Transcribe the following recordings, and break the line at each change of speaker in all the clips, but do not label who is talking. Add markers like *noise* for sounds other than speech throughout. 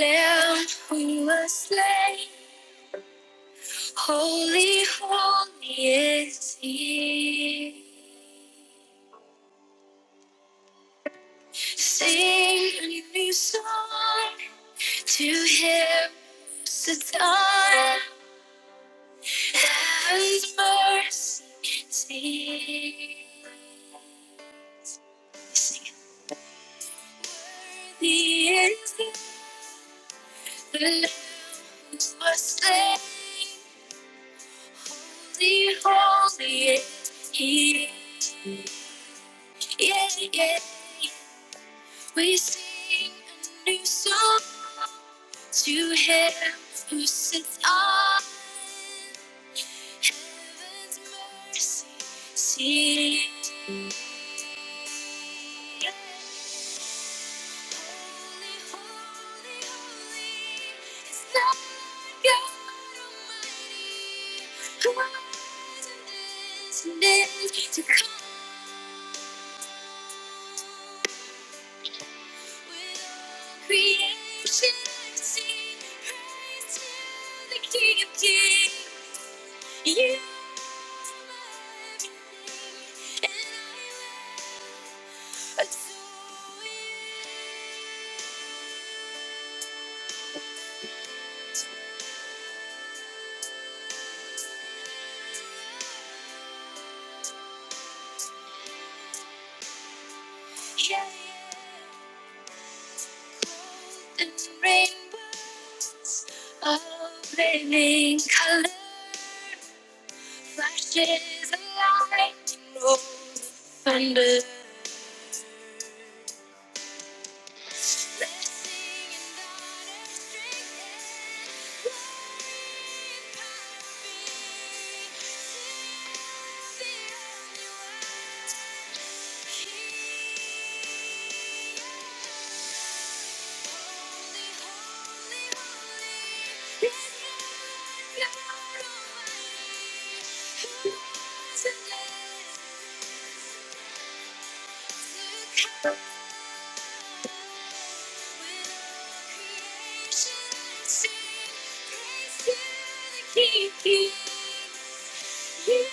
Lamb who was slain, holy, holy is he. Sing a new song to him who's the dawn, heaven's mercy can see. Sing it. Worthy is he, the Lamb who was slain, holy, holy is he. Yeah, yeah. We sing a new song to him who sits on heaven's mercy seat. Yeah. Holy, holy, holy is the God Almighty who was and is and is to come. With all creation, I sing praise to the King of Kings. You are everything, and I will adore you. Yeah, yeah. And rainbows of living color, flashes of lightning, rolls of thunder. Holy, holy, holy, it's God Almighty. Who doesn't know? King. You are everything,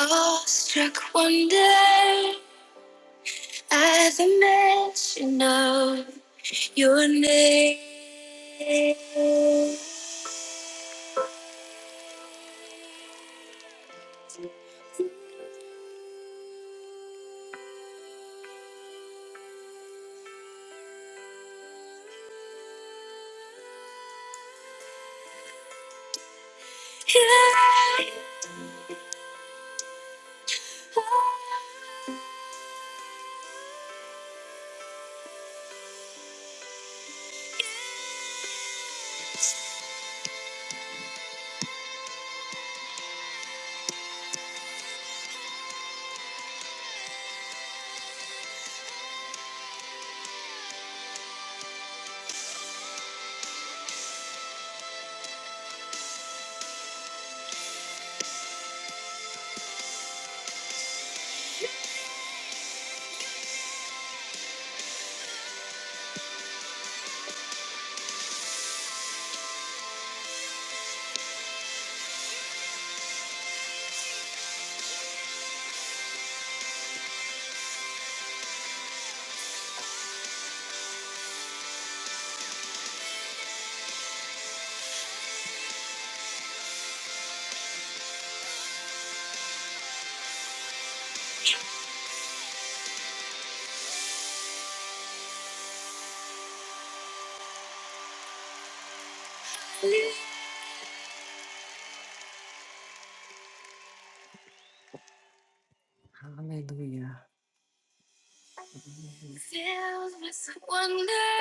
Awestruck wonder at the mention of. Your name. yeah, Filled with wonder,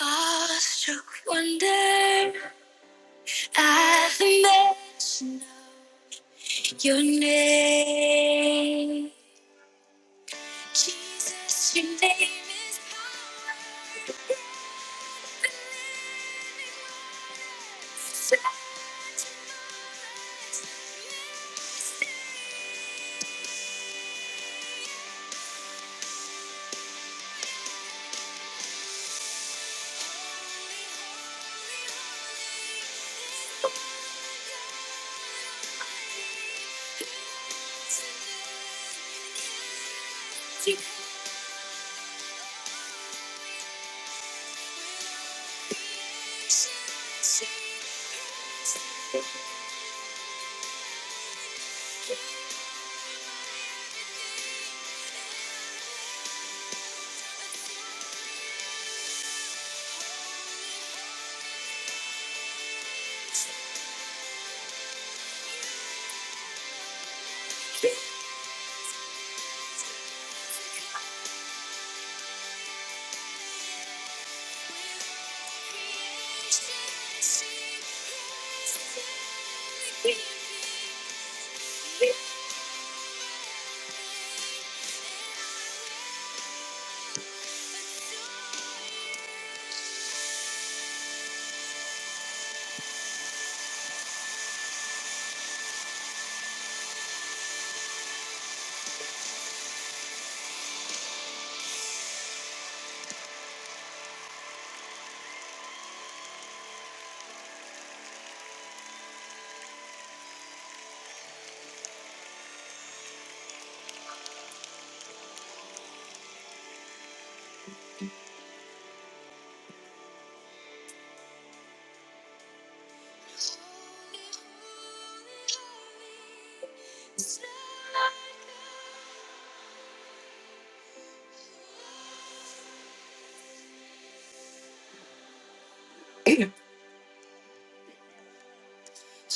awestruck wonder at the mention of your name. Jesus, your name is power. So you With all creation, I see You. You are everything. Everything. Holy, holy, holy. It's You.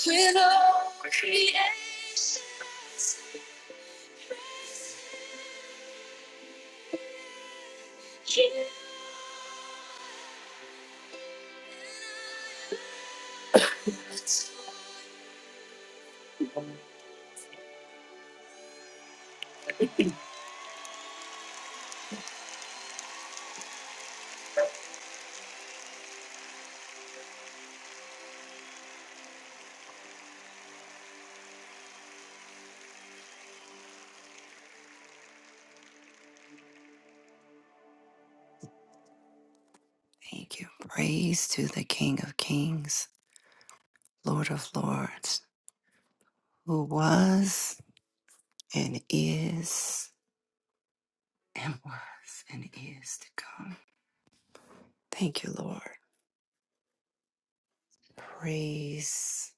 We all creation, sing praise to You. You're amazing, and I will adore You. Holy, holy, holy, Lord God. We all creation, sing praise to You. Thank you. Praise to the King of Kings, Lord of Lords, who was and is and was and is to come. Thank you, Lord. Praise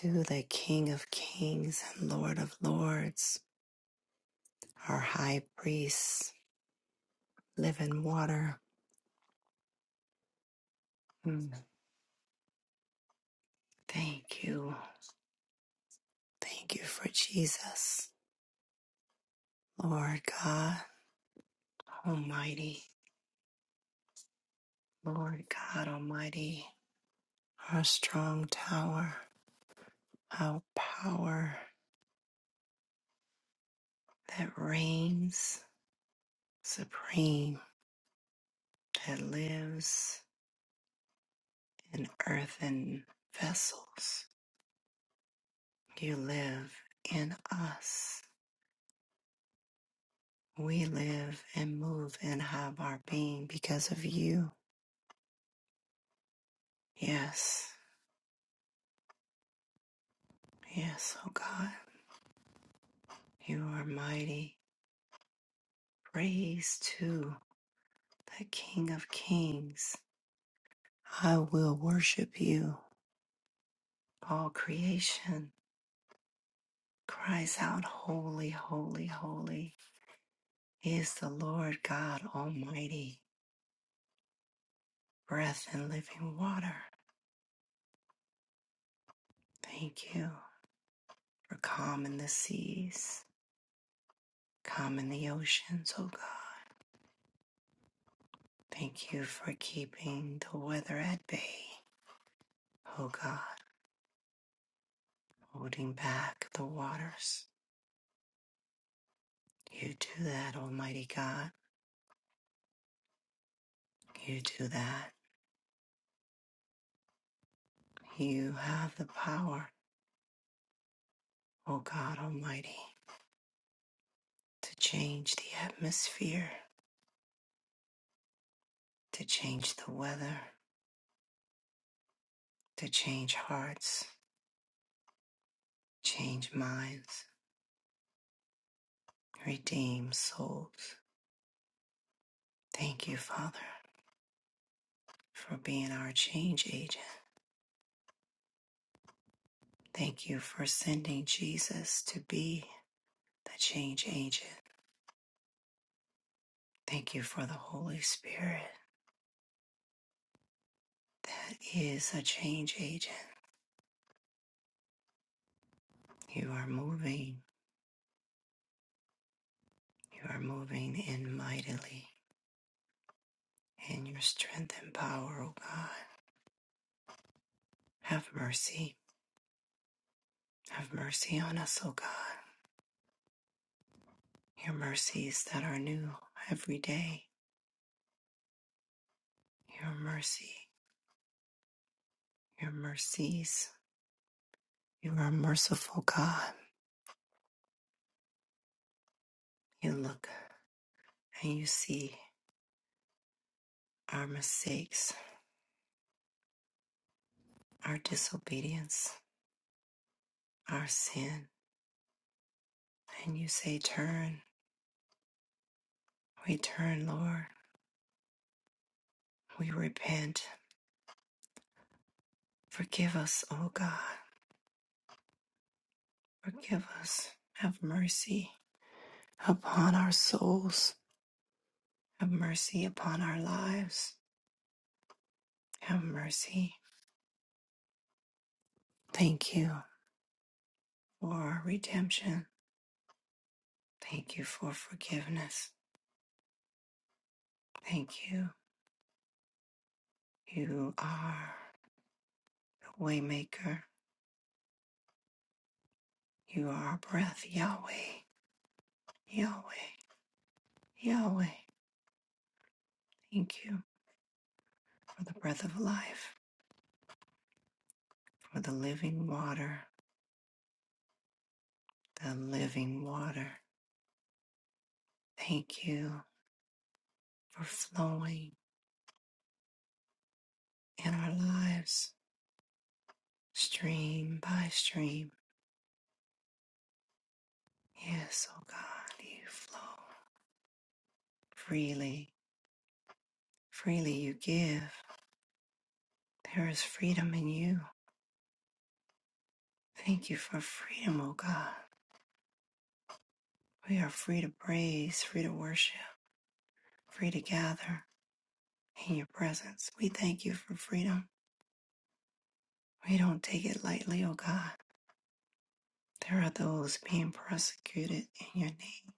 to the King of Kings and Lord of Lords, our high priest, living water. Mm. Thank you. Thank you for Jesus, Lord God Almighty, Lord God Almighty, our strong tower. How power that reigns supreme, that lives in earthen vessels. You live in us. We live and move and have our being because of you. Yes, yes, oh God, you are mighty. Praise to the King of Kings. I will worship you. All creation cries out, Holy, holy, holy. is the Lord God Almighty, breath and living water. Thank you for calming the seas, calming the oceans, O God. Thank you for keeping the weather at bay, O God, holding back the waters. You do that, Almighty God. You do that. You have the power, O God Almighty, to change the atmosphere, to change the weather, to change hearts, change minds, redeem souls. Thank you, Father, for being our change agent. Thank you for sending Jesus to be the change agent. Thank you for the Holy Spirit that is a change agent. You are moving. You are moving in mightily in your strength and power, O God. Have mercy. Have mercy on us, O God. Your mercies that are new every day. Your mercy. your mercies. You are a merciful God. You look and you see our mistakes, our disobedience, our sin, and you say, Turn. We turn, Lord. We repent. Forgive us, O God. Forgive us. Have mercy upon our souls. Have mercy upon our lives. Have mercy. Thank you for our redemption. Thank you for forgiveness. Thank you. You are. Waymaker, you are our breath, Yahweh, Yahweh, Yahweh. Thank you for the breath of life, for the living water, the living water. Thank you for flowing in our lives, stream by stream. Yes, oh God, you flow freely, freely you give. There is freedom in you. Thank you for freedom, oh God. We are free to praise, free to worship, free to gather, in your presence. We thank you for freedom. We don't take it lightly, O God. There are those being persecuted in your name,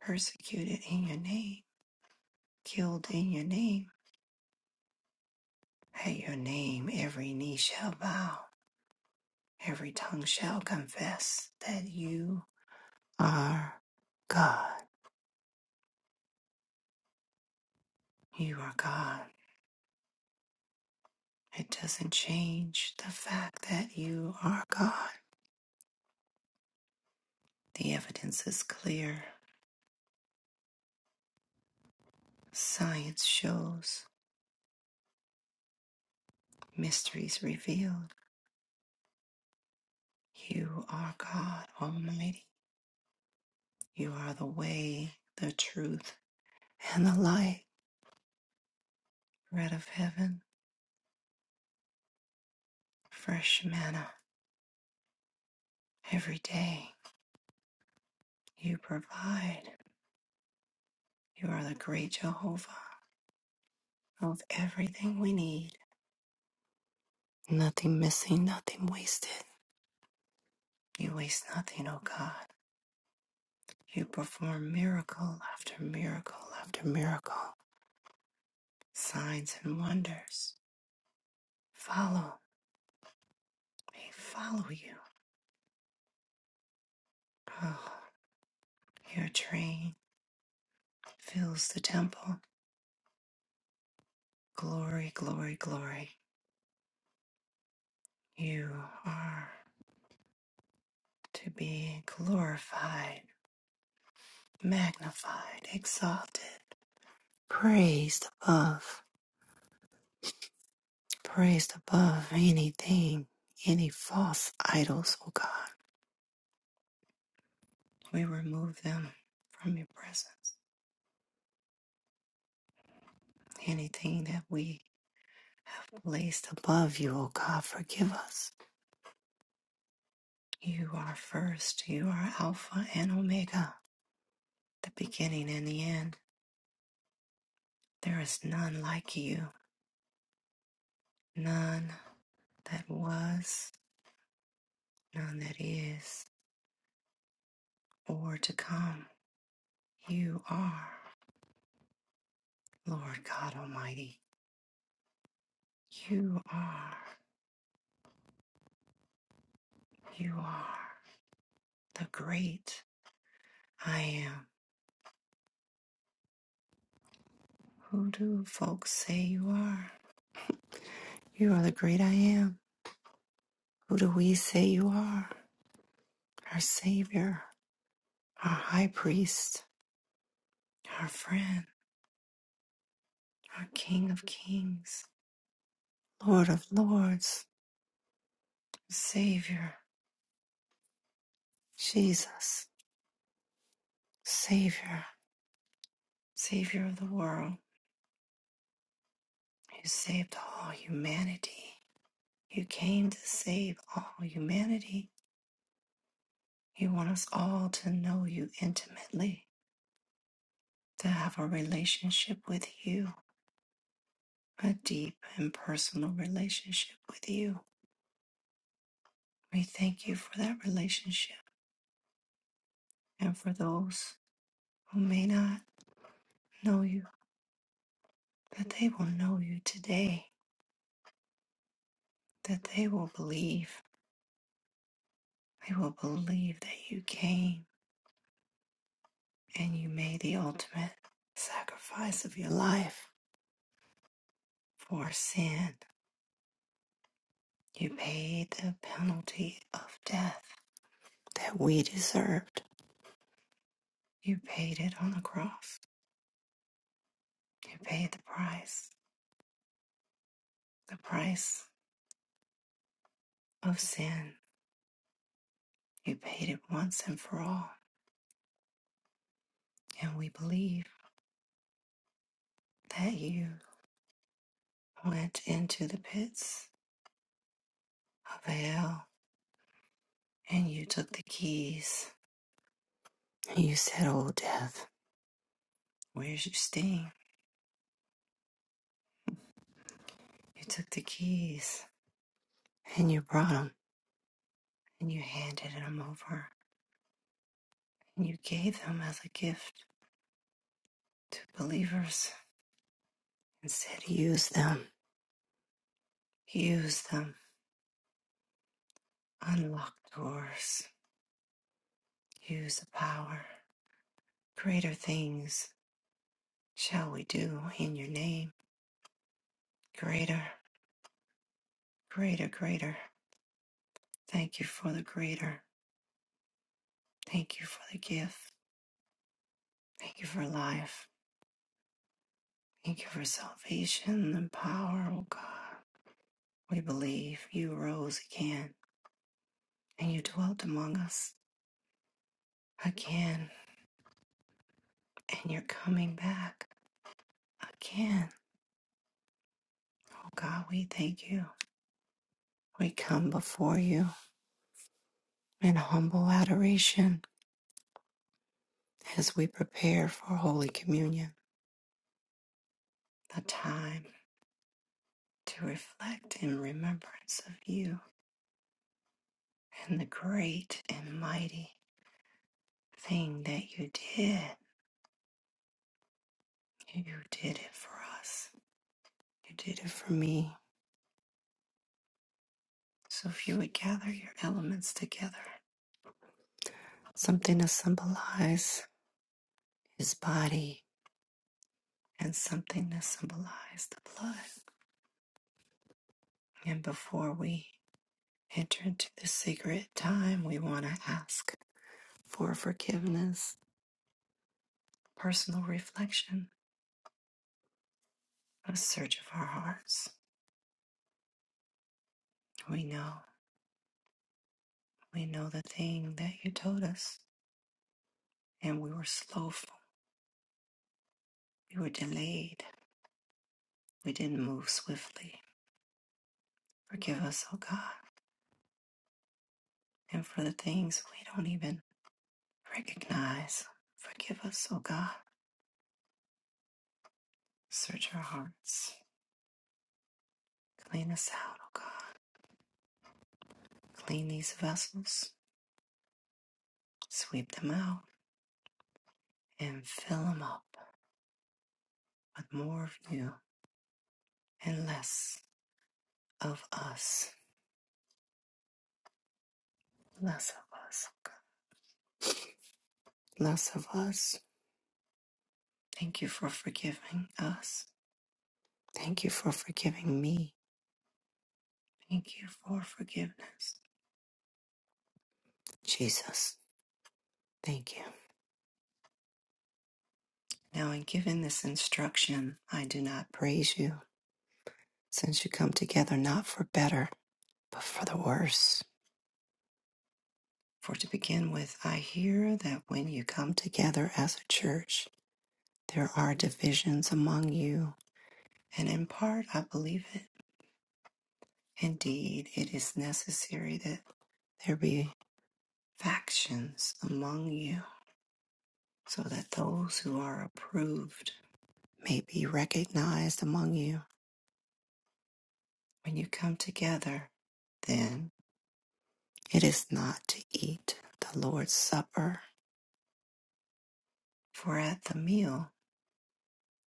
persecuted in your name, killed in your name. At your name, every knee shall bow, every tongue shall confess that you are God. You are God. It doesn't change the fact that you are God. The evidence is clear. Science shows, mysteries revealed. You are God Almighty. You are the way, the truth, and the light. Bread of heaven, fresh manna every day. You provide. You are the great Jehovah of everything we need. Nothing missing, nothing wasted. You waste nothing, O God. You perform miracle after miracle after miracle. Signs and wonders follow. They follow you. Oh, your train. fills the temple. Glory, glory, glory. You are to be glorified, magnified, exalted, praised above, praised above anything, any false idols, O God. We remove them from your presence. Anything that we have placed above you, O God, forgive us. You are first, you are Alpha and Omega, the beginning and the end. There is none like you. none that was, none that is, or to come. You are, Lord God Almighty. You are, you are the great I am. Who do folks say you are? You are the great I am. Who do we say you are? Our Savior, our High Priest, our friend, our King of Kings, Lord of Lords, Savior, Jesus, Savior. Savior of the world, who saved all humanity. You came to save all humanity. You want us all to know you intimately, to have a relationship with you, a deep and personal relationship with you. We thank you for that relationship and for those who may not know you, that they will know you today, that they will believe. They will believe that you came and you made the ultimate sacrifice of your life for sin. You paid the penalty of death that we deserved. You paid it on the cross. You paid the price, the price of sin. You paid it once and for all. And we believe that you went into the pits of hell and you took the keys. And you said, Oh, death, where's your sting? You took the keys and you brought 'em. and you handed them over, and you gave them as a gift to believers and said, Use them, use them, unlock doors, use the power. Greater things shall we do in your name. Greater, greater, greater. Thank you for the greater. Thank you for the gift. Thank you for life. Thank you for salvation and power, O God. We believe you rose again and you dwelt among us again and you're coming back again. Oh God, we thank you. We come before you in humble adoration as we prepare for Holy Communion, a time to reflect in remembrance of you and the great and mighty thing that you did. You did it for us, you did it for me. So if you would gather your elements together, something to symbolize his body and something to symbolize the blood. And before we enter into the secret time, we want to ask for forgiveness, personal reflection, a search of our hearts. We know, we know the thing that you told us, and we were slowful, we were delayed, we didn't move swiftly. Forgive us, O God, and for the things we don't even recognize. Forgive us, O God. Search our hearts, clean us out, O God. Clean these vessels, sweep them out and fill them up with more of you and less of us. Less of us. oh God. Less of us. Thank you for forgiving us. Thank you for forgiving me. Thank you for forgiveness. Jesus, thank you. Now, in giving this instruction, I do not praise you, since you come together not for better, but for the worse. For to begin with, I hear that when you come together as a church, there are divisions among you And in part, I believe it. Indeed, it is necessary that there be factions among you, so that those who are approved may be recognized among you. When you come together, then it is not to eat the Lord's Supper, for at the meal,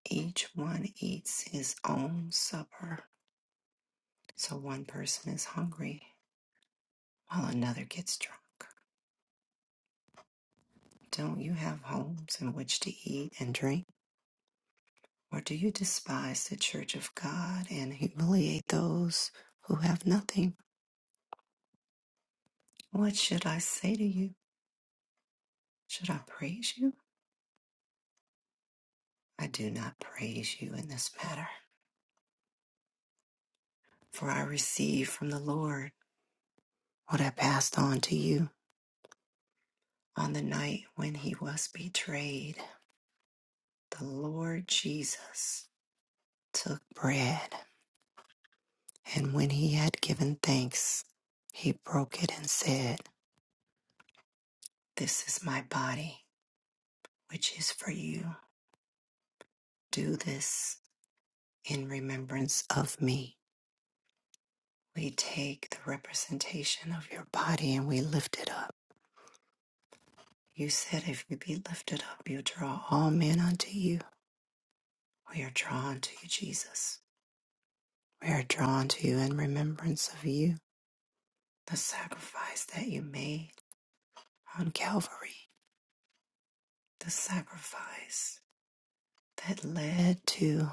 each one eats his own supper. So one person is hungry while another gets drunk. Don't you have homes in which to eat and drink? Or do you despise the church of God and humiliate those who have nothing? What should I say to you? Should I praise you? I do not praise you in this matter, for I received from the Lord what I passed on to you. On the night when he was betrayed, the Lord Jesus took bread, and when he had given thanks, he broke it and said, This is my body, which is for you. Do this in remembrance of me. We take the representation of your body and we lift it up. You said, If you be lifted up, you draw all men unto you. We are drawn to you, Jesus. We are drawn to you in remembrance of you, the sacrifice that you made on Calvary, the sacrifice that led to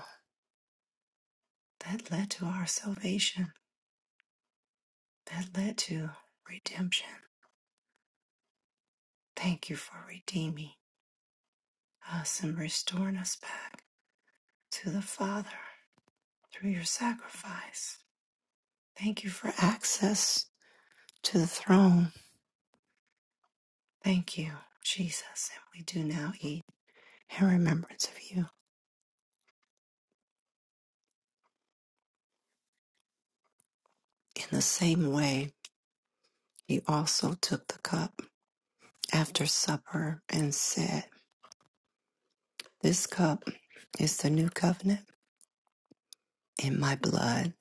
that led to our salvation, that led to redemption. Thank you for redeeming us and restoring us back. to the Father through your sacrifice. Thank you for access to the throne. Thank you, Jesus. And we do now eat in remembrance of you. In the same way, he also took the cup after supper and said, This cup is the new covenant in my blood.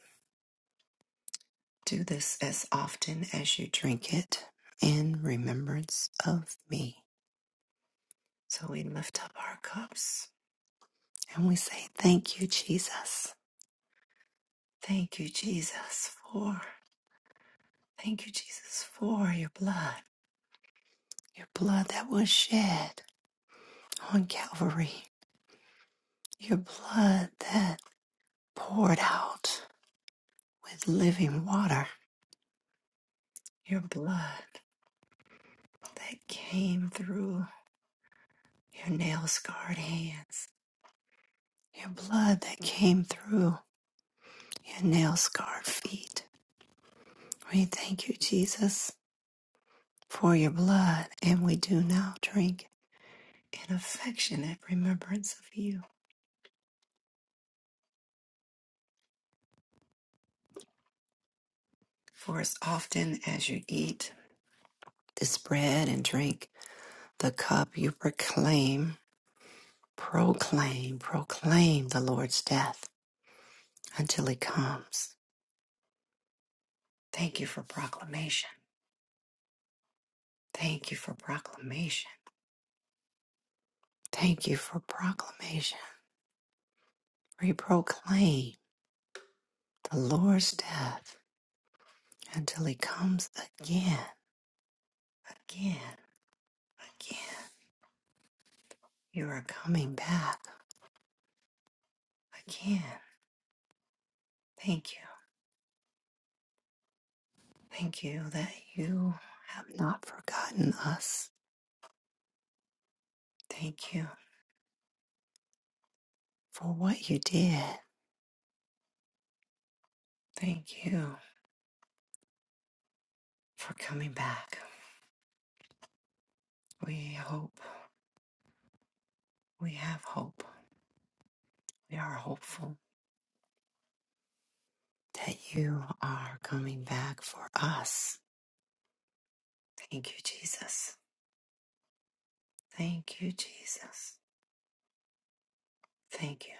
Do this as often as you drink it in remembrance of me. So we lift up our cups and we say, Thank you, Jesus. Thank you, Jesus, for thank you, Jesus, for your blood, your blood that was shed on Calvary, your blood that poured out with living water, your blood that came through your nail scarred hands, your blood that came through your nail scarred feet. We thank you, Jesus, for your blood, and we do now drink in affectionate remembrance of you. For as often as you eat this bread and drink the cup, you proclaim, proclaim, proclaim the Lord's death until he comes. Thank you for proclamation. Thank you for proclamation. Thank you for proclamation. We proclaim the Lord's death until he comes again, again, again. You are coming back again. Thank you. Thank you that you have not forgotten us. Thank you for what you did. Thank you for coming back. We hope, we have hope. We are hopeful that you are coming back for us. Thank you, Jesus. Thank you, Jesus. Thank you,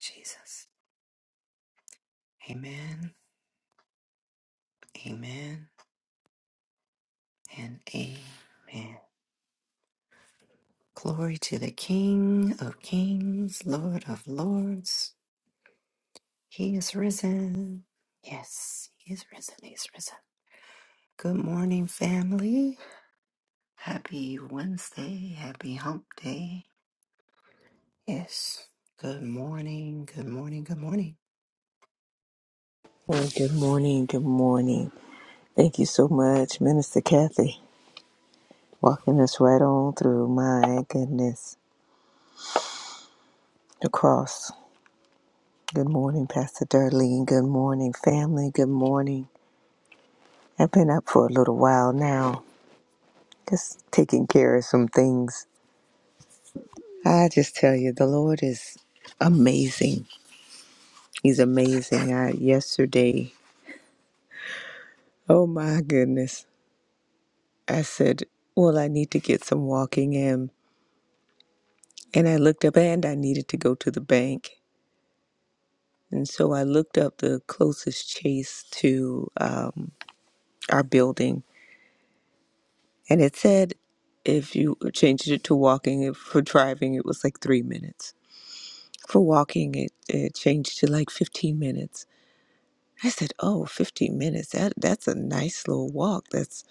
Jesus. Amen, amen, and amen. Glory to the King of Kings, Lord of Lords. He is risen. Yes, he is risen. He is risen. Good morning, family. Happy Wednesday. Happy hump day. Yes. Good morning. Good morning. Good morning.
Well, good morning. Good morning. Thank you so much, Minister Kathy, walking us right on through. My goodness, the cross. Good morning, Pastor Darlene. Good morning, family. Good morning. I've been up for a little while now, just taking care of some things. I just tell you, the Lord is amazing. He's amazing. I, yesterday, oh my goodness, I said, Well, I need to get some walking in. And I looked up and I needed to go to the bank. And so I looked up the closest chase to um, our building, and it said if you changed it to walking, if for driving, it was like three minutes. For walking, it, it changed to like 15 minutes. I said, "Oh, 15 minutes. That that's a nice little walk. That's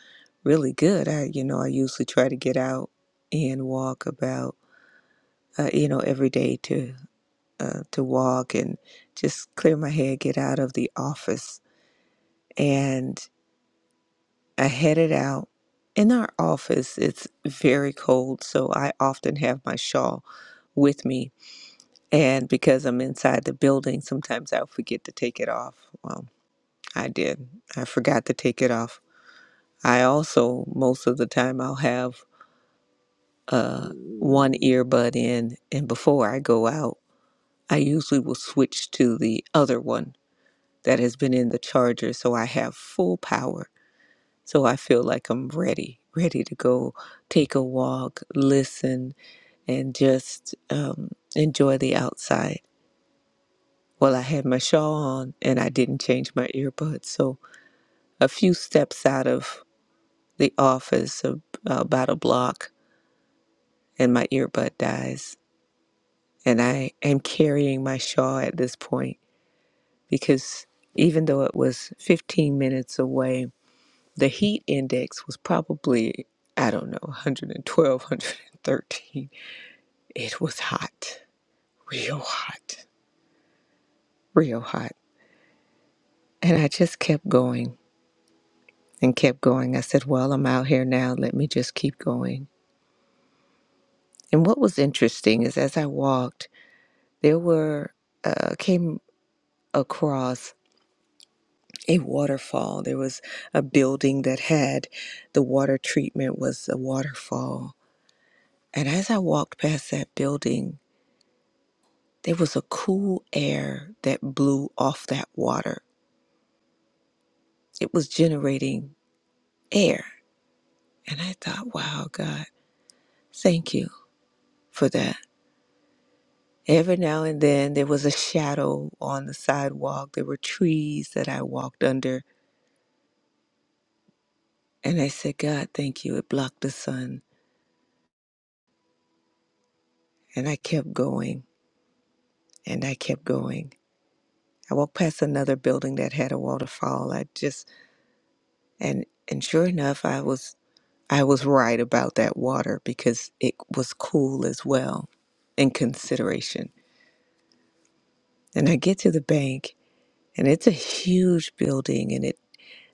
really good." I, you know, I usually try to get out and walk about, uh, you know, every day to uh, to walk and just clear my head, get out of the office, and." I headed out. In our office, it's very cold, so I often have my shawl with me. And because I'm inside the building, sometimes I'll forget to take it off. Well, I did. I forgot to take it off. I also, most of the time, I'll have uh, one earbud in, and before I go out, I usually will switch to the other one that has been in the charger, so I have full power So I feel like I'm ready, ready to go take a walk, listen, and just um, enjoy the outside. Well, I had my shawl on and I didn't change my earbuds. So a few steps out of the office, ab- about a block, and my earbud dies. And I am carrying my shawl at this point because even though it was 15 minutes away, the heat index was probably, I don't know, 112, It was hot, real hot, real hot. And I just kept going and kept going. I said, Well, I'm out here now. Let me just keep going. And what was interesting is as I walked, there were, uh, came across a waterfall. There was a building that had the water treatment was a waterfall. And as I walked past that building, there was a cool air that blew off that water. It was generating air. And I thought, wow, God, thank you for that. Every now and then there was a shadow on the sidewalk. There were trees that I walked under. And I said, God, thank you. It blocked the sun. And I kept going and I kept going. I walked past another building that had a waterfall. I just and and sure enough I was I was right about that water because it was cool as well in consideration. And I get to the bank and it's a huge building and it.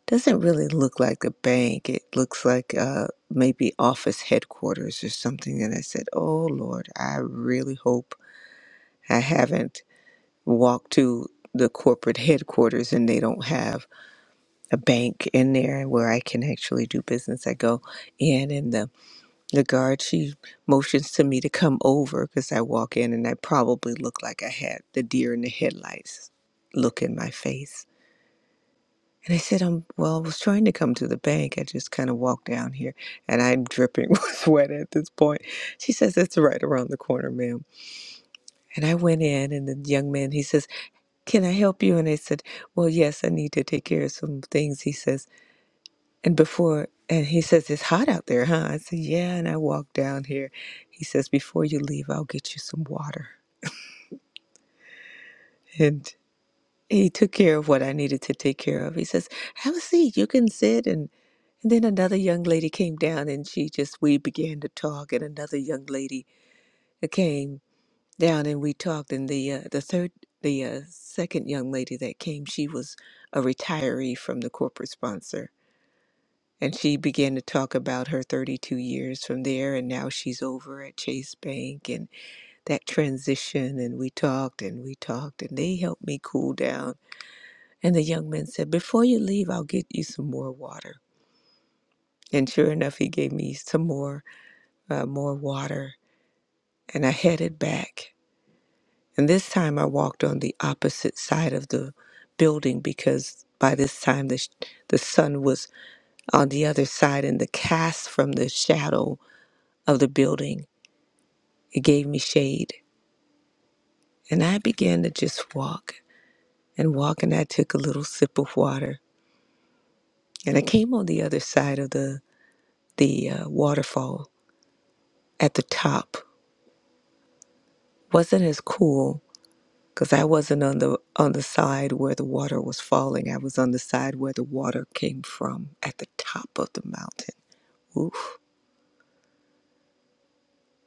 doesn't really look like a bank. It looks like uh, maybe office headquarters or something. And I said, Oh Lord, I really hope I haven't walked to the corporate headquarters and they don't have a bank in there where I can actually do business. I go in and the, the guard, she motions to me to come over because I walk in and I probably look like I had the deer in the headlights look in my face. And I said, um, well, I was trying to come to the bank. I just kind of walked down here and I'm dripping *laughs* with sweat at this point. She says, it's right around the corner, ma'am. And I went in and the young man, he says, can I help you? And I said, well, yes, I need to take care of some things. He says, and before, and he says, it's hot out there, huh? I said, yeah. And I walked down here. He says, before you leave, I'll get you some water. And he took care of what I needed to take care of. He says, have a seat. You can sit. and." And then another young lady came down and she just, we began to talk. And another young lady came down and we talked. And the, uh, the third, the uh, second young lady that came, she was a retiree from the corporate sponsor. And she began to talk about her 32 years from there. And now she's over at Chase Bank and that transition. And we talked and we talked and they helped me cool down. And the young man said, Before you leave, I'll get you some more water. And sure enough, he gave me some more. uh, more water, and I headed back. And this time I walked on the opposite side of the building because by this time the, sh- the sun was on the other side, and the cast from the shadow of the building it gave me shade. And I began to just walk and walk, and I took a little sip of water, and I came on the other side of the the uh, waterfall at the top. wasn't as cool because I wasn't on the on the side where the water was falling. I was on the side where the water came from at the top of the mountain. Oof.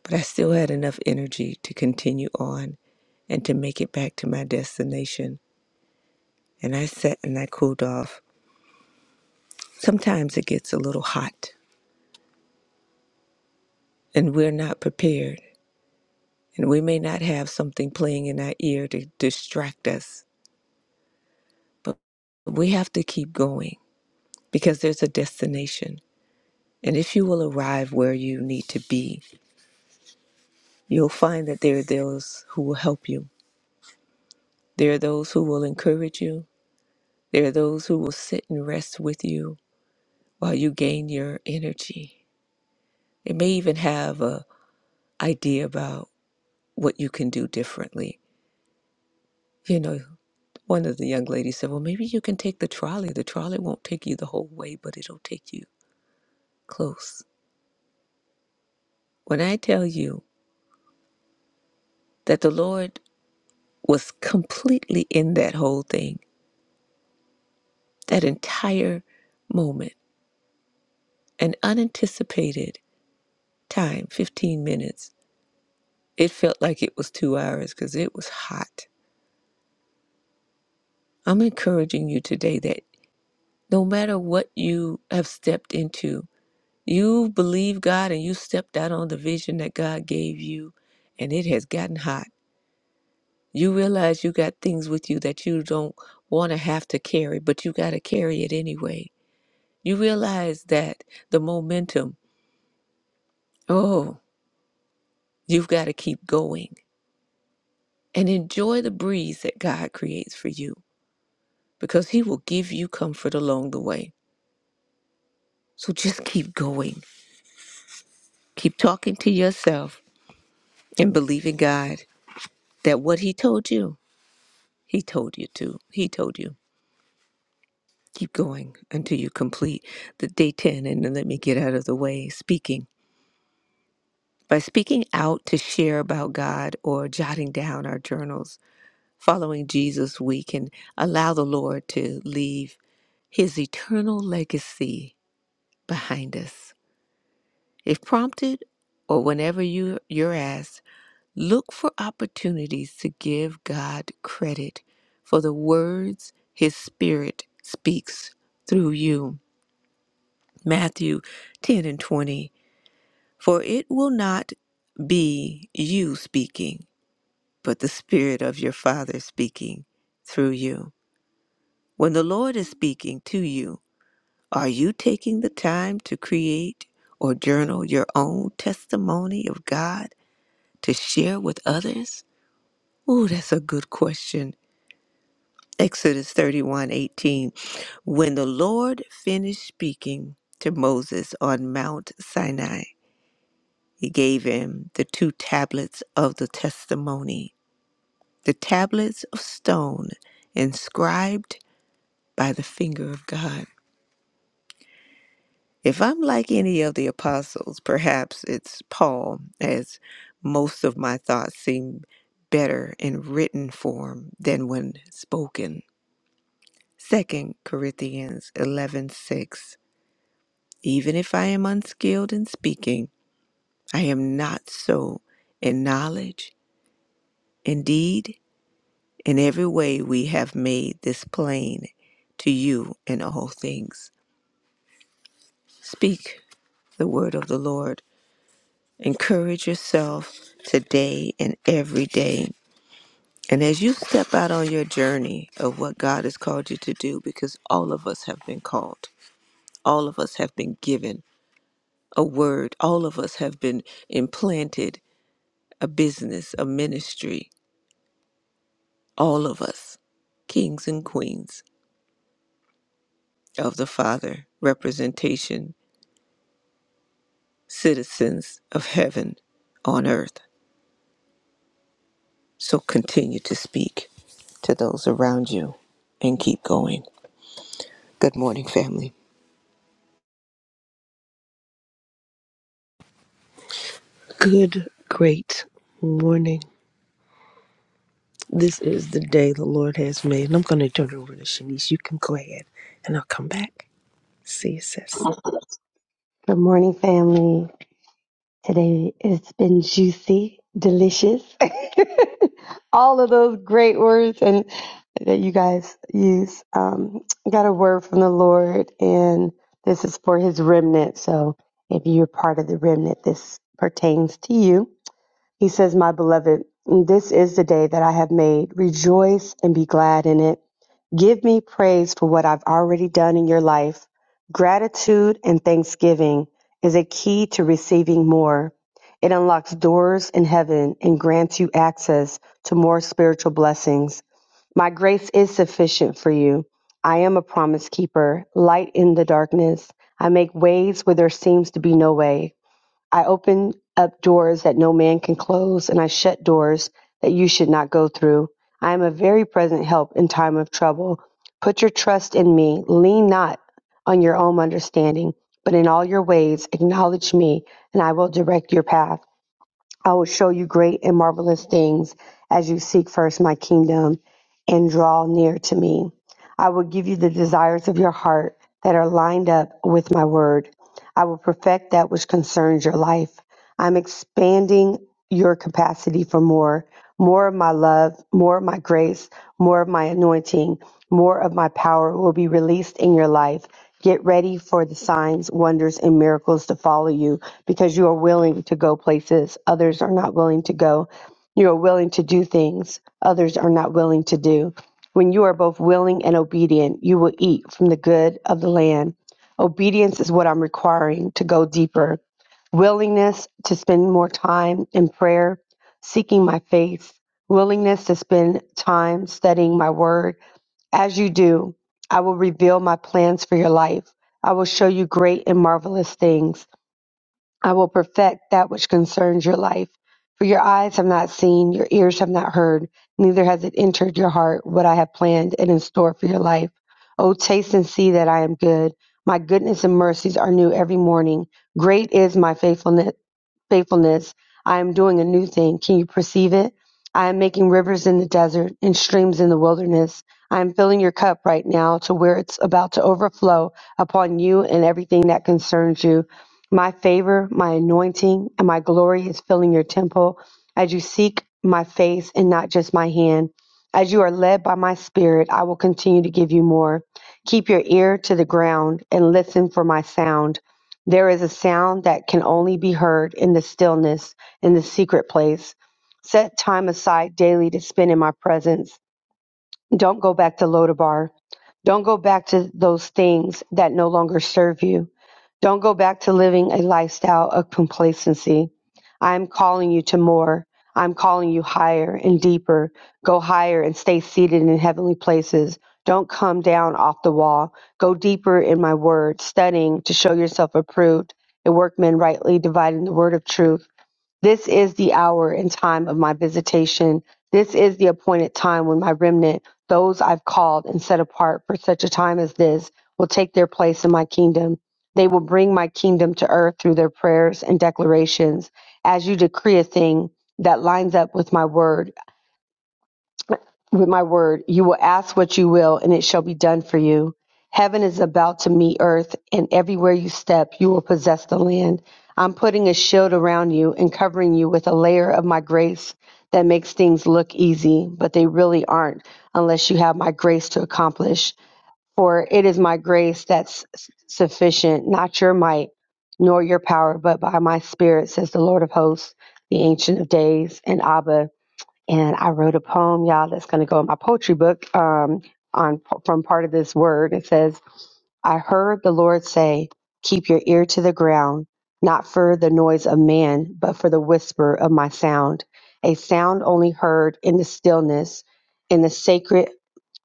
But I still had enough energy to continue on and to make it back to my destination. And I sat and I cooled off. Sometimes it gets a little hot and we're not prepared. And we may not have something playing in our ear to distract us, but we have to keep going because there's a destination. And if you will arrive where you need to be, you'll find that there are those who will help you. There are those who will encourage you. There are those who will sit and rest with you while you gain your energy. They may even have a idea about what you can do differently. You know, one of the young ladies said, "Well, maybe you can take the trolley. The trolley won't take you the whole way, but it'll take you close." When I tell you that the Lord was completely in that whole thing, that entire moment, an unanticipated time 15 minutes it felt like it was two hours because it was hot i'm encouraging you today that no matter what you have stepped into you believe god and you stepped out on the vision that god gave you and it has gotten hot you realize you got things with you that you don't want to have to carry but you got to carry it anyway you realize that the momentum oh you've got to keep going and enjoy the breeze that god creates for you because He will give you comfort along the way. So just *laughs* keep going. Keep talking to yourself and believe in God that what He told you, He told you to. He told you. Keep going until you complete the day 10. And then let me get out of the way speaking. By speaking out to share about God or jotting down our journals, following Jesus, we can allow the Lord to leave His eternal legacy behind us. If prompted or whenever you, you're asked, look for opportunities to give God credit for the words His Spirit speaks through you. Matthew 10 and 20. For it will not be you speaking, but the Spirit of your Father speaking through you. When the Lord is speaking to you, are you taking the time to create or journal your own testimony of God? to share with others? Ooh, that's a good question. Exodus 31 18, When the Lord finished speaking to Moses on Mount Sinai, he gave him the two tablets of the testimony, the tablets of stone inscribed by the finger of God. If I'm like any of the apostles, perhaps it's Paul, as most of my thoughts seem better in written form than when spoken. Second Corinthians 11:6 Even if I am unskilled in speaking, I am not so in knowledge. Indeed, in every way we have made this plain to you in all things. Speak the word of the Lord. Encourage yourself today and every day. And as you step out on your journey of what God has called you to do because all of us have been called. All of us have been given a word. All of us have been implanted a business, a ministry. All of us, kings and queens of the Father, representation, citizens of heaven on earth. So continue to speak to those around you and keep going. Good morning, family.
Good, great morning. This is the day the Lord has made. And I'm going to turn it over to Shanice. You can go ahead and I'll come back. See you, sis.
Good morning, family. Today it's been juicy, delicious. *laughs* All of those great words and that you guys use. Um, I got a word from the Lord, and this is for His remnant. So if you're part of the remnant, this pertains to you. He says, "My beloved, this is the day that I have made. Rejoice and be glad in it." Give me praise for what I've already done in your life. Gratitude and thanksgiving is a key to receiving more. It unlocks doors in heaven and grants you access to more spiritual blessings. My grace is sufficient for you. I am a promise keeper, light in the darkness. I make ways where there seems to be no way. I open up doors that no man can close, and I shut doors that you should not go through. I am a very present help in time of trouble. Put your trust in me. Lean not on your own understanding, but in all your ways acknowledge me, and I will direct your path. I will show you great and marvelous things as you seek first my kingdom and draw near to me. I will give you the desires of your heart that are lined up with my word. I will perfect that which concerns your life. I'm expanding your capacity for more, more of my love, more of my grace, more of my anointing, more of my power will be released in your life. Get ready for the signs, wonders, and miracles to follow you because you are willing to go places others are not willing to go. You are willing to do things others are not willing to do. When you are both willing and obedient, you will eat from the good of the land. Obedience is what I'm requiring to go deeper willingness to spend more time in prayer, seeking my face, willingness to spend time studying my word. As you do, I will reveal my plans for your life. I will show you great and marvelous things. I will perfect that which concerns your life. For your eyes have not seen, your ears have not heard, neither has it entered your heart what I have planned and in store for your life. O taste and see that I am good. My goodness and mercies are new every morning. Great is my faithfulness faithfulness. I am doing a new thing. Can you perceive it? I am making rivers in the desert and streams in the wilderness. I am filling your cup right now to where it's about to overflow upon you and everything that concerns you. My favor, my anointing, and my glory is filling your temple as you seek my face and not just my hand. As you are led by my spirit, I will continue to give you more. Keep your ear to the ground and listen for my sound. There is a sound that can only be heard in the stillness, in the secret place. Set time aside daily to spend in my presence don't go back to Lodabar. Don't go back to those things that no longer serve you. Don't go back to living a lifestyle of complacency. I'm calling you to more. I'm calling you higher and deeper. Go higher and stay seated in heavenly places. Don't come down off the wall. Go deeper in my word, studying to show yourself approved, a workman rightly dividing the word of truth. This is the hour and time of my visitation. This is the appointed time when my remnant, those I've called and set apart for such a time as this, will take their place in my kingdom. They will bring my kingdom to earth through their prayers and declarations. As you decree a thing that lines up with my word, with my word, you will ask what you will, and it shall be done for you. Heaven is about to meet earth, and everywhere you step, you will possess the land. I'm putting a shield around you and covering you with a layer of my grace that makes things look easy, but they really aren't unless you have my grace to accomplish. For it is my grace that's sufficient, not your might nor your power, but by my spirit, says the Lord of hosts, the Ancient of Days, and Abba and I wrote a poem, y'all, that's going to go in my poetry book um, on from part of this word. It says, "I heard the Lord say, keep your ear to the ground, not for the noise of man, but for the whisper of my sound, a sound only heard in the stillness, in the sacred."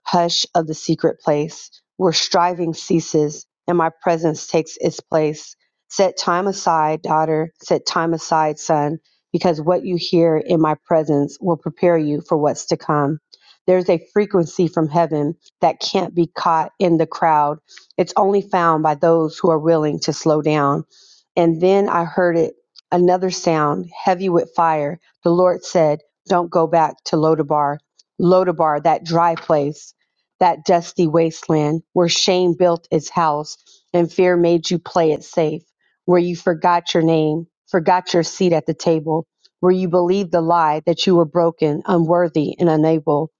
hush of the secret place, where striving ceases and my presence takes its place. Set time aside, daughter, set time aside, son, because what you hear in my presence will prepare you for what's to come. There's a frequency from heaven that can't be caught in the crowd. It's only found by those who are willing to slow down. And then I heard it, another sound, heavy with fire. The Lord said, Don't go back to Lodabar, Lodabar, that dry place that dusty wasteland where shame built its house and fear made you play it safe, where you forgot your name, forgot your seat at the table, where you believed the lie that you were broken, unworthy, and unable.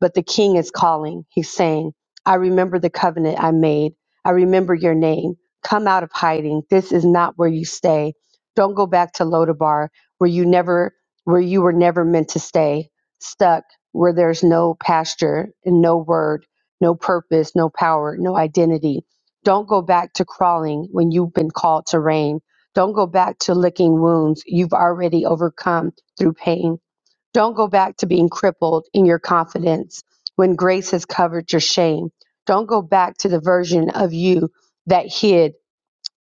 But the king is calling. He's saying, I remember the covenant I made. I remember your name. Come out of hiding. This is not where you stay. Don't go back to Lodabar where you never where you were never meant to stay, stuck where there's no pasture and no word no purpose, no power, no identity. Don't go back to crawling when you've been called to reign. Don't go back to licking wounds you've already overcome through pain. Don't go back to being crippled in your confidence when grace has covered your shame. Don't go back to the version of you that hid,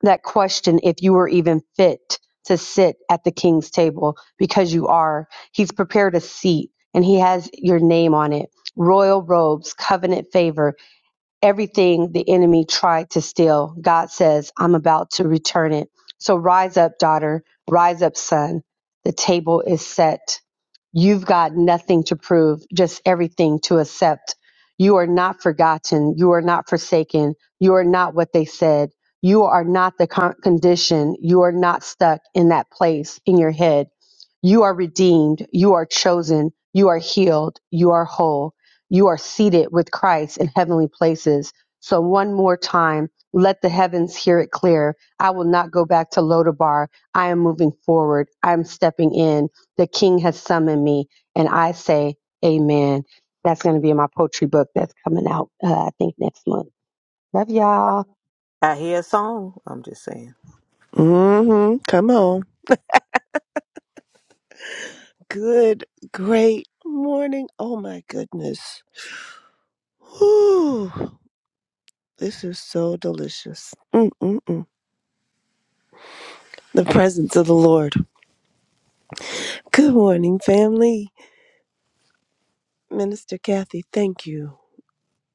that questioned if you were even fit to sit at the king's table because you are. He's prepared a seat and he has your name on it royal robes, covenant favor everything the enemy tried to steal. God says, I'm about to return it. So rise up, daughter. Rise up, son. The table is set. You've got nothing to prove, just everything to accept. You are not forgotten. You are not forsaken. You are not what they said. You are not the con- condition. You are not stuck in that place in your head. You are redeemed. You are chosen. You are healed. You are whole you are seated with Christ in heavenly places. So one more time, let the heavens hear it clear. I will not go back to Lodabar. I am moving forward. I'm stepping in. The King has summoned me, and I say, Amen. That's going to be in my poetry book that's coming out, uh, I think, next month. Love y'all.
I hear a song. I'm just saying.
Mm-hmm. Come on. Good, great morning. Oh my goodness. Whew. This is so delicious. Mm-mm-mm. The presence of the Lord. Good morning, family. Minister Kathy, thank you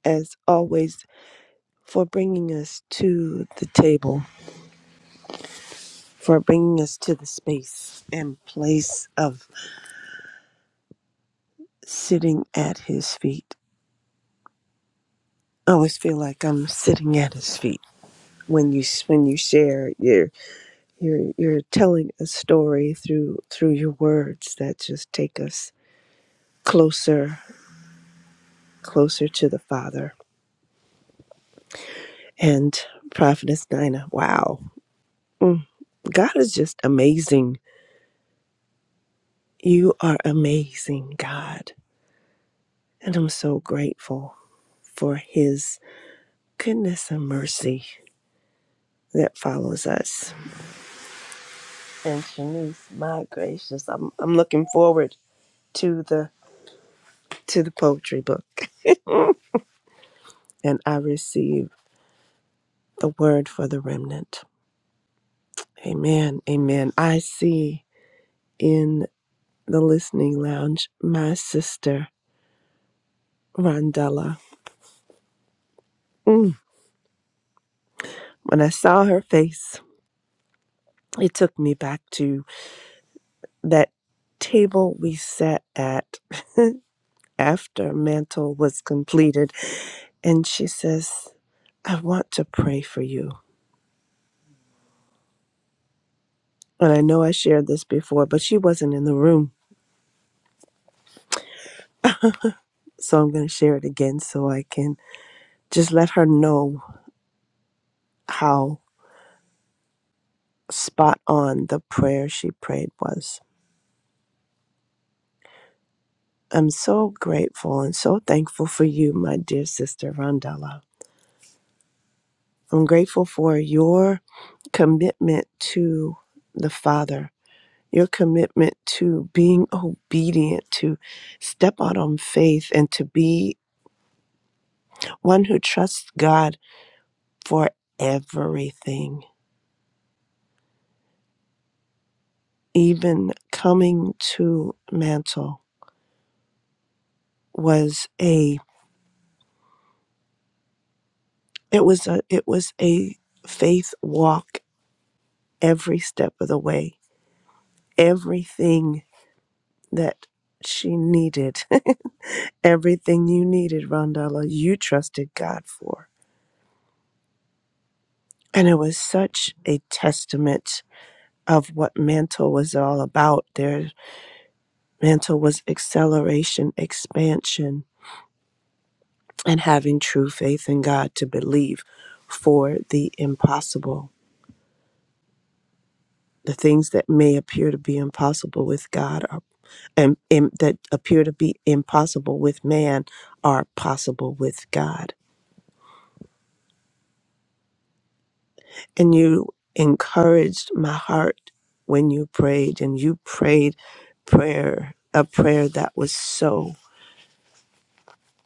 as always for bringing us to the table for bringing us to the space and place of sitting at his feet. I always feel like I'm sitting at his feet when you when you share you're you're you're telling a story through through your words that just take us closer closer to the Father and Prophetess Nina. Wow, Mm, God is just amazing. You are amazing, God, and I'm so grateful for His goodness and mercy that follows us. And Shanice, my gracious, I'm I'm looking forward to the to the poetry book. And I receive the word for the remnant. Amen. Amen. I see in the listening lounge my sister Rondella. Mm. When I saw her face, it took me back to that table we sat at after mantle was completed and she says, I want to pray for you. And I know I shared this before, but she wasn't in the room. So I'm going to share it again so I can just let her know how spot on the prayer she prayed was. I'm so grateful and so thankful for you, my dear sister Rondella. I'm grateful for your commitment to the Father, your commitment to being obedient, to step out on faith, and to be one who trusts God for everything even coming to mantle was a it was a it was a faith walk every step of the way everything that she needed *laughs* everything you needed rondella you trusted god for and it was such a testament of what mantle was all about there mantle was acceleration expansion and having true faith in god to believe for the impossible the things that may appear to be impossible with God are and, and that appear to be impossible with man are possible with God. And you encouraged my heart when you prayed and you prayed prayer a prayer that was so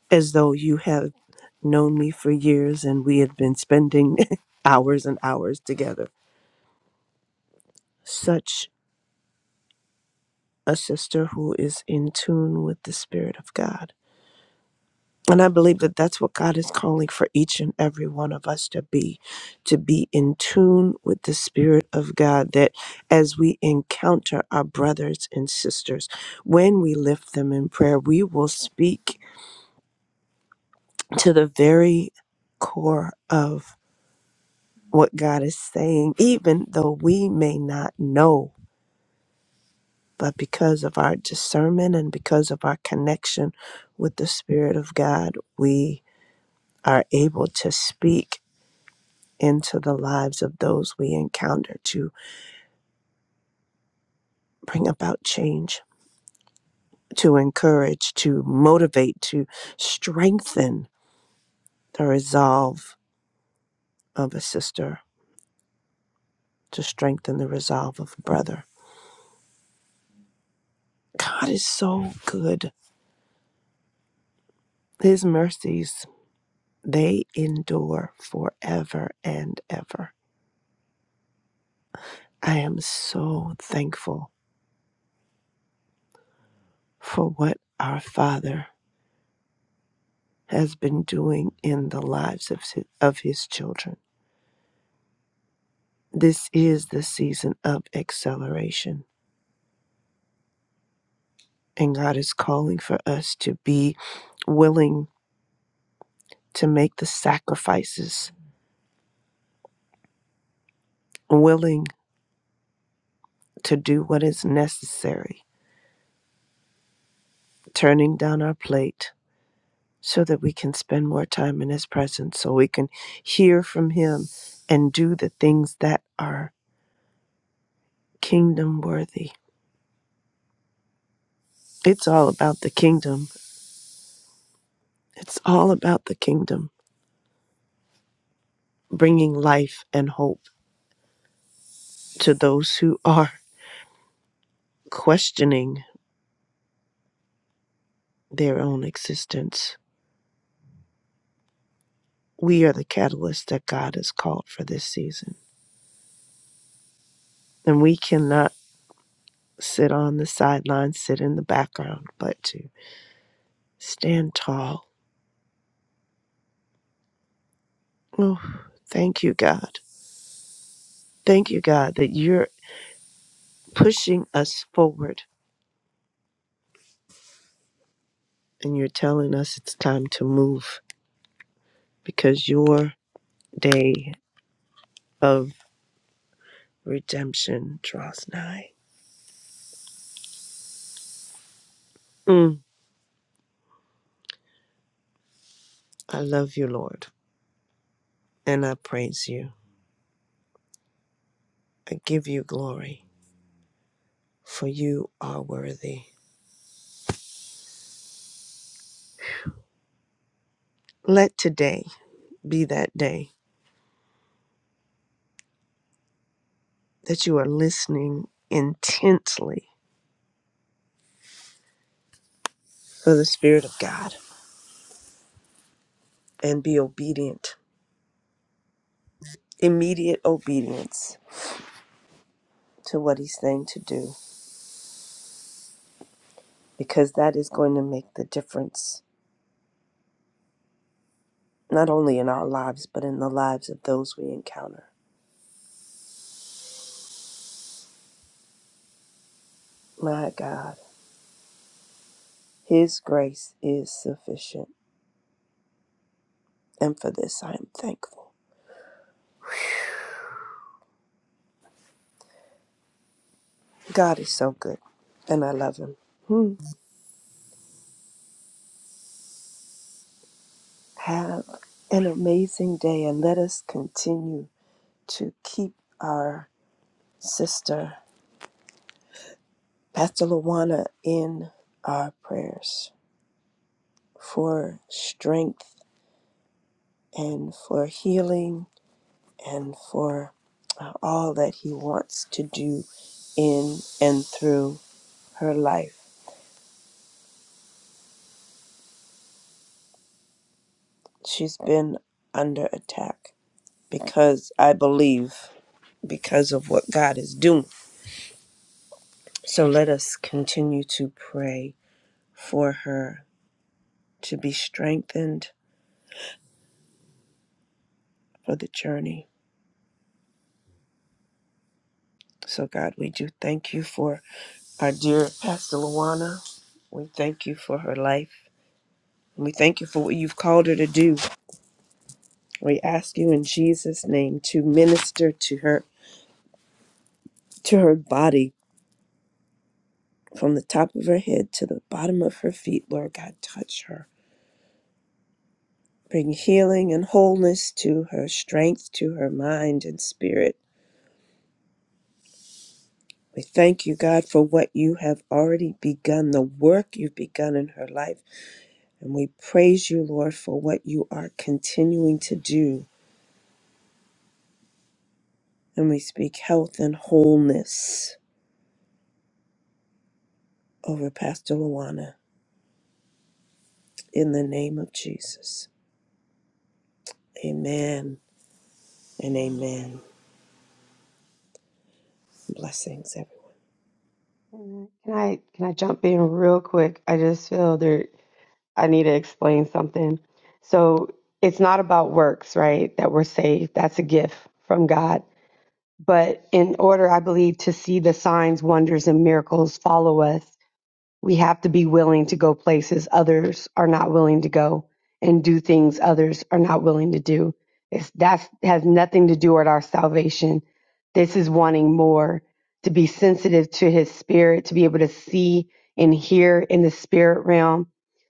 as though you had known me for years and we had been spending *laughs* hours and hours together. Such a sister who is in tune with the Spirit of God And I believe that that's what God is calling for each and every one of us to be, to be in tune with the Spirit of God, that as we encounter our brothers and sisters, when we lift them in prayer, we will speak to the very core of what God is saying, even though we may not know. But because of our discernment and because of our connection with the Spirit of God, we are able to speak into the lives of those we encounter to bring about change, to encourage, to motivate, to strengthen the resolve of a sister, to strengthen the resolve of a brother. God is so good. His mercies, they endure forever and ever. I am so thankful for what our Father has been doing in the lives of his, of his children. This is the season of acceleration, and God is calling for us to be willing to make the sacrifices, willing to do what is necessary, turning down our plate so that we can spend more time in His presence, so we can hear from Him and do the things that are kingdom worthy. It's all about the kingdom. It's all about the kingdom, bringing life and hope to those who are questioning their own existence. We are the catalyst that God has called for this season. And we cannot sit on the sidelines, sit in the background, but to stand tall. Oh, thank you, God. Thank you, God, that you're pushing us forward and you're telling us it's time to move because your day of redemption draws nigh. Mm, I love you, Lord, and I praise you. I give you glory, for you are worthy. Let today be that day that you are listening intently for the Spirit of God and be obedient, immediate obedience to what He's saying to do, because that is going to make the difference, not only in our lives, but in the lives of those we encounter. My God, His grace is sufficient. And for this, I am thankful. God is so good, and I love Him. Hmm. Have an amazing day, and let us continue to keep our sister, Pastor Lawana, in our prayers for strength and for healing and for uh, all that He wants to do in and through her life. She's been under attack because I believe because of what God is doing. So let us continue to pray for her to be strengthened for the journey So, God, we do thank you for our dear Pastor Luana. We thank you for her life. We thank you for what you've called her to do. We ask you in Jesus' name to minister to her, to her body, from the top of her head to the bottom of her feet. Lord God, touch her. Bring healing and wholeness to her, strength to her mind and spirit. We thank you, God, for what you have already begun, the work you've begun in her life. And we praise you, Lord, for what you are continuing to do. And we speak health and wholeness over Pastor Luana in the name of Jesus. Amen and amen. Blessings, everyone.
Amen. Can I can I jump in real quick? I just feel there I need to explain something. So it's not about works, right? That we're saved. That's a gift from God. But in order, I believe, to see the signs, wonders, and miracles follow us, we have to be willing to go places others are not willing to go and do things others are not willing to do. It's, that has nothing to do with our salvation. This is wanting more, to be sensitive to his spirit, to be able to see and hear in the spirit realm.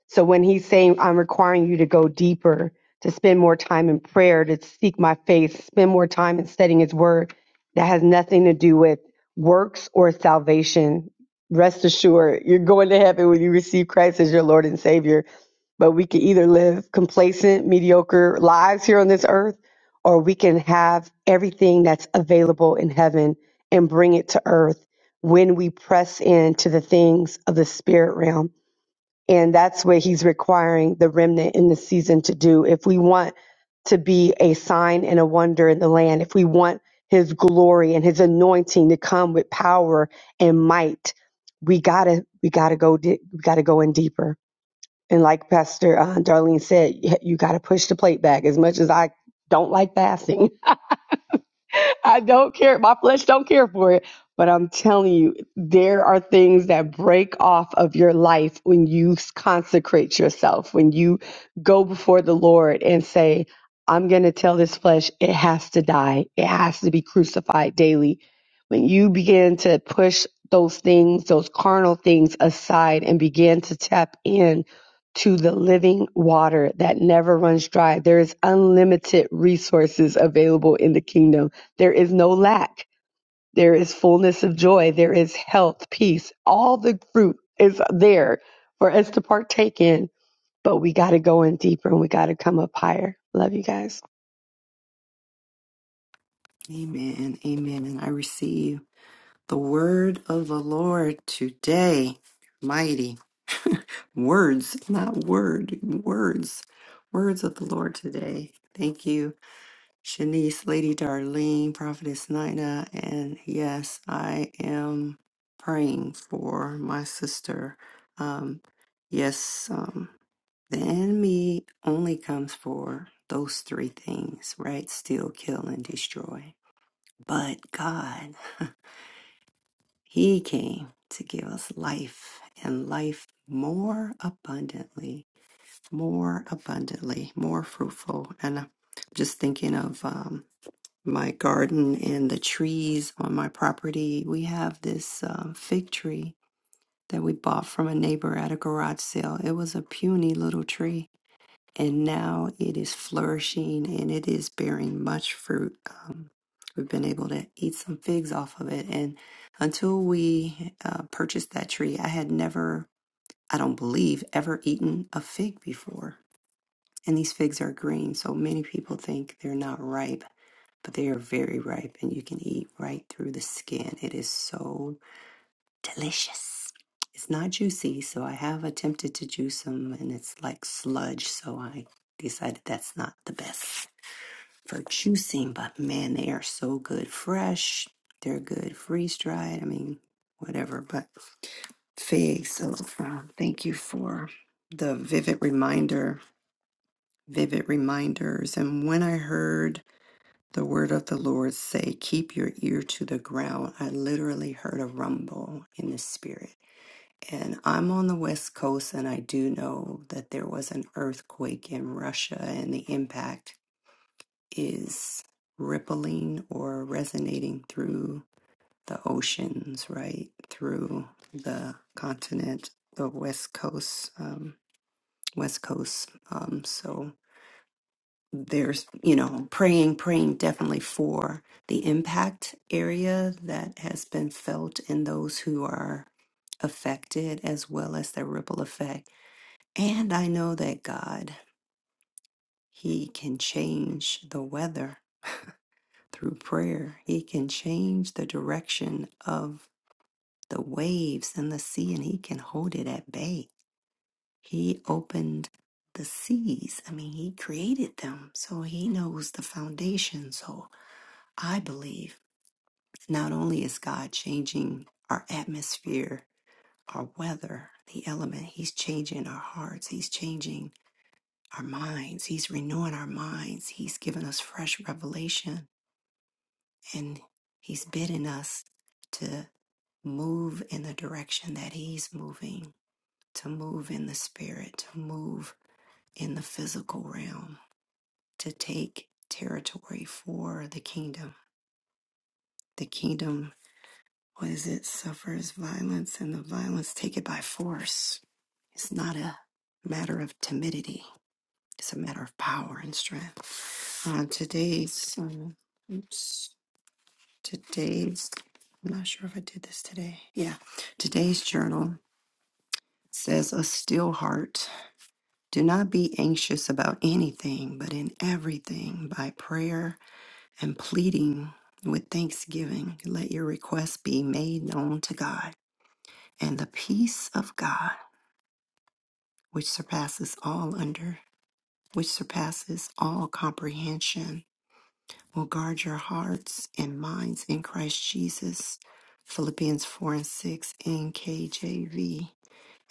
So when he's saying, I'm requiring you to go deeper, to spend more time in prayer, to seek my face, spend more time in studying his word, that has nothing to do with works or salvation Rest assured, you're going to heaven when you receive Christ as your Lord and Savior. But we can either live complacent, mediocre lives here on this earth, or we can have everything that's available in heaven and bring it to earth when we press into the things of the spirit realm. And that's what he's requiring the remnant in this season to do. If we want to be a sign and a wonder in the land, if we want his glory and his anointing to come with power and might, we gotta, we gotta go, di- we gotta go in deeper. And like Pastor uh, Darlene said, y- you gotta push the plate back as much as I don't like fasting. *laughs* I don't care. My flesh don't care for it. But I'm telling you, there are things that break off of your life when you consecrate yourself, when you go before the Lord and say, I'm going to tell this flesh it has to die. It has to be crucified daily. When you begin to push those things, those carnal things aside and begin to tap in to the living water that never runs dry, there is unlimited resources available in the kingdom there is no lack. There is fullness of joy. There is health, peace. All the fruit is there for us to partake in, but we got to go in deeper and we got to come up higher. Love you guys.
Amen. Amen. And I receive the word of the Lord today. Mighty *laughs* words, not word, words. Words of the Lord today. Thank you. Shanice, Lady Darlene, Prophetess Nina, and yes, I am praying for my sister. Um, yes, um, the enemy only comes for those three things, right? Steal, kill, and destroy. But God, *laughs* He came to give us life and life more abundantly, more abundantly, more fruitful. And I'm just thinking of. um, my garden and the trees on my property. We have this uh, fig tree that we bought from a neighbor at a garage sale. It was a puny little tree, and now it is flourishing and it is bearing much fruit. Um, we've been able to eat some figs off of it, and until we uh, purchased that tree, I had never, I don't believe, ever eaten a fig before. And these figs are green, so many people think they're not ripe but they are very ripe and you can eat right through the skin. It is so delicious. It's not juicy, so I have attempted to juice them and it's like sludge, so I decided that's not the best for juicing, but man, they are so good fresh. They're good freeze dried. I mean, whatever, but figs. So um, thank you for the vivid reminder, vivid reminders. And when I heard the word of the Lord say, Keep your ear to the ground. I literally heard a rumble in the spirit. And I'm on the West Coast, and I do know that there was an earthquake in Russia, and the impact is rippling or resonating through the oceans, right? Through the continent, the West Coast, um, West Coast. Um, so there's you know praying praying definitely for the impact area that has been felt in those who are affected as well as the ripple effect and i know that god he can change the weather through prayer he can change the direction of the waves and the sea and he can hold it at bay he opened the seas i mean he created them so he knows the foundation so I believe not only is God changing our atmosphere, our weather, the element, He's changing our hearts, He's changing our minds, He's renewing our minds, He's given us fresh revelation, and He's bidding us to move in the direction that He's moving, to move in the spirit, to move in the physical realm, to take territory for the kingdom. The kingdom What is it? Suffers violence, and the violence take it by force. It's not a matter of timidity. It's a matter of power and strength. Uh, today's, um, oops, today's. I'm not sure if I did this today. Yeah, today's journal says a still heart. Do not be anxious about anything, but in everything by prayer and pleading with thanksgiving, let your requests be made known to God. and the peace of God, which surpasses all under, which surpasses all comprehension, will guard your hearts and minds in Christ Jesus. Philippians 4 and 6 in KJV.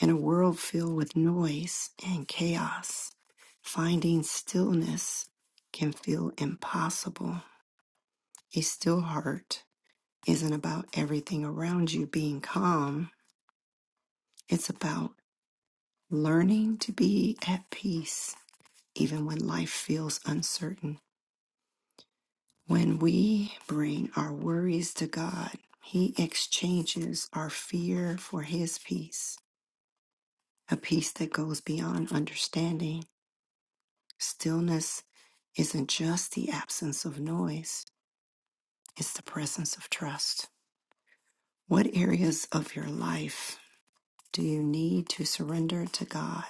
In a world filled with noise and chaos, finding stillness can feel impossible. A still heart isn't about everything around you being calm. It's about learning to be at peace even when life feels uncertain. When we bring our worries to God, He exchanges our fear for His peace, a peace that goes beyond understanding. Stillness isn't just the absence of noise, it's the presence of trust. What areas of your life do you need to surrender to God's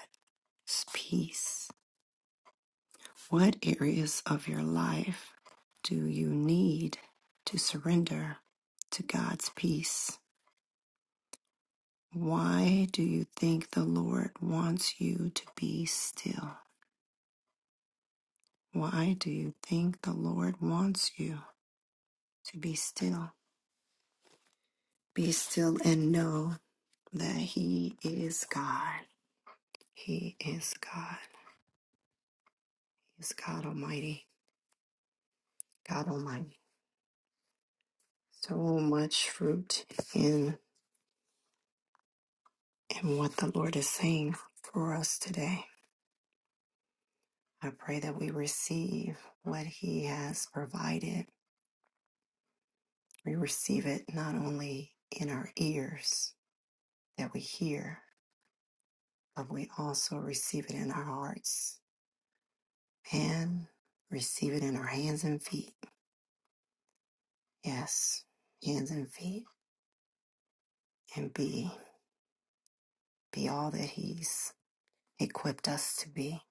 peace? What areas of your life do you need to surrender to God's peace? Why do you think the Lord wants you to be still? Why do you think the Lord wants you to be still? Be still and know that He is God. He is God. He is God Almighty. God Almighty. So much fruit in in what the Lord is saying for us today I pray that we receive what He has provided. We receive it not only in our ears that we hear, but we also receive it in our hearts and receive it in our hands and feet. Yes, hands and feet, and be be all that He's equipped us to be.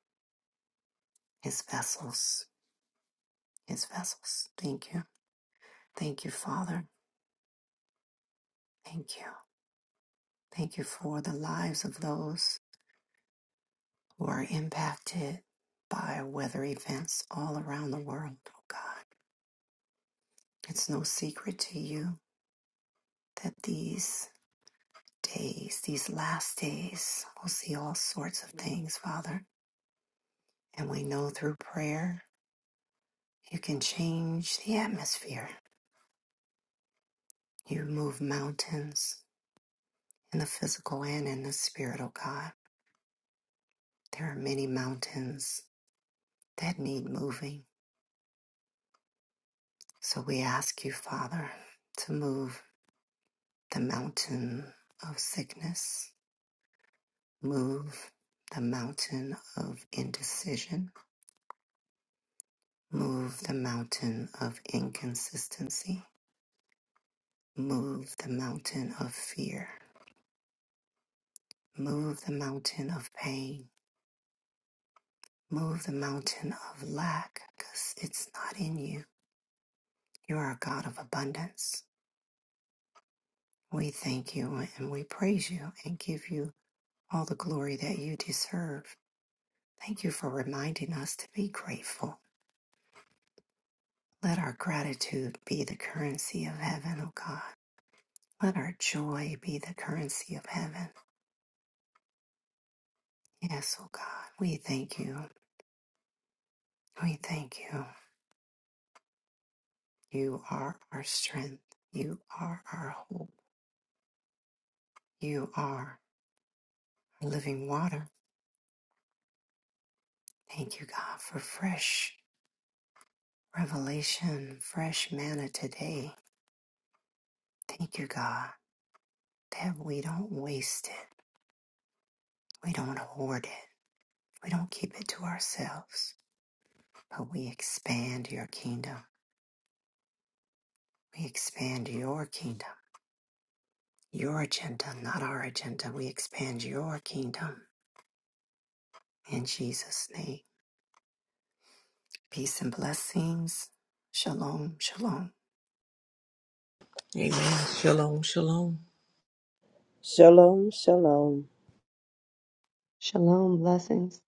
His vessels, His vessels. Thank you, thank you, Father. Thank you, thank you for the lives of those. who are impacted by weather events all around the world, oh God. It's no secret to you that these days, these last days, we'll see all sorts of things, Father. And we know through prayer, you can change the atmosphere. You move mountains in the physical and in the spirit, oh God. There are many mountains that need moving. So we ask you, Father, to move the mountain of sickness, Move the mountain of indecision. Move the mountain of inconsistency. Move the mountain of fear. Move the mountain of pain. Move the mountain of lack because it's not in you. You are a God of abundance. We thank you and we praise you and give you all the glory that you deserve. Thank you for reminding us to be grateful. Let our gratitude be the currency of heaven, O God. Let our joy be the currency of heaven. Yes, oh God, we thank you. We thank you. You are our strength. You are our hope. You are our living water. Thank you, God, for fresh revelation, fresh manna today. Thank you, God, that we don't waste it. We don't hoard it. We don't keep it to ourselves, but we expand your kingdom. We expand your kingdom Your agenda, not our agenda. We expand your kingdom in Jesus' name. Peace and blessings. Shalom, shalom.
Amen. Shalom, shalom.
Shalom, shalom.
Shalom. Blessings.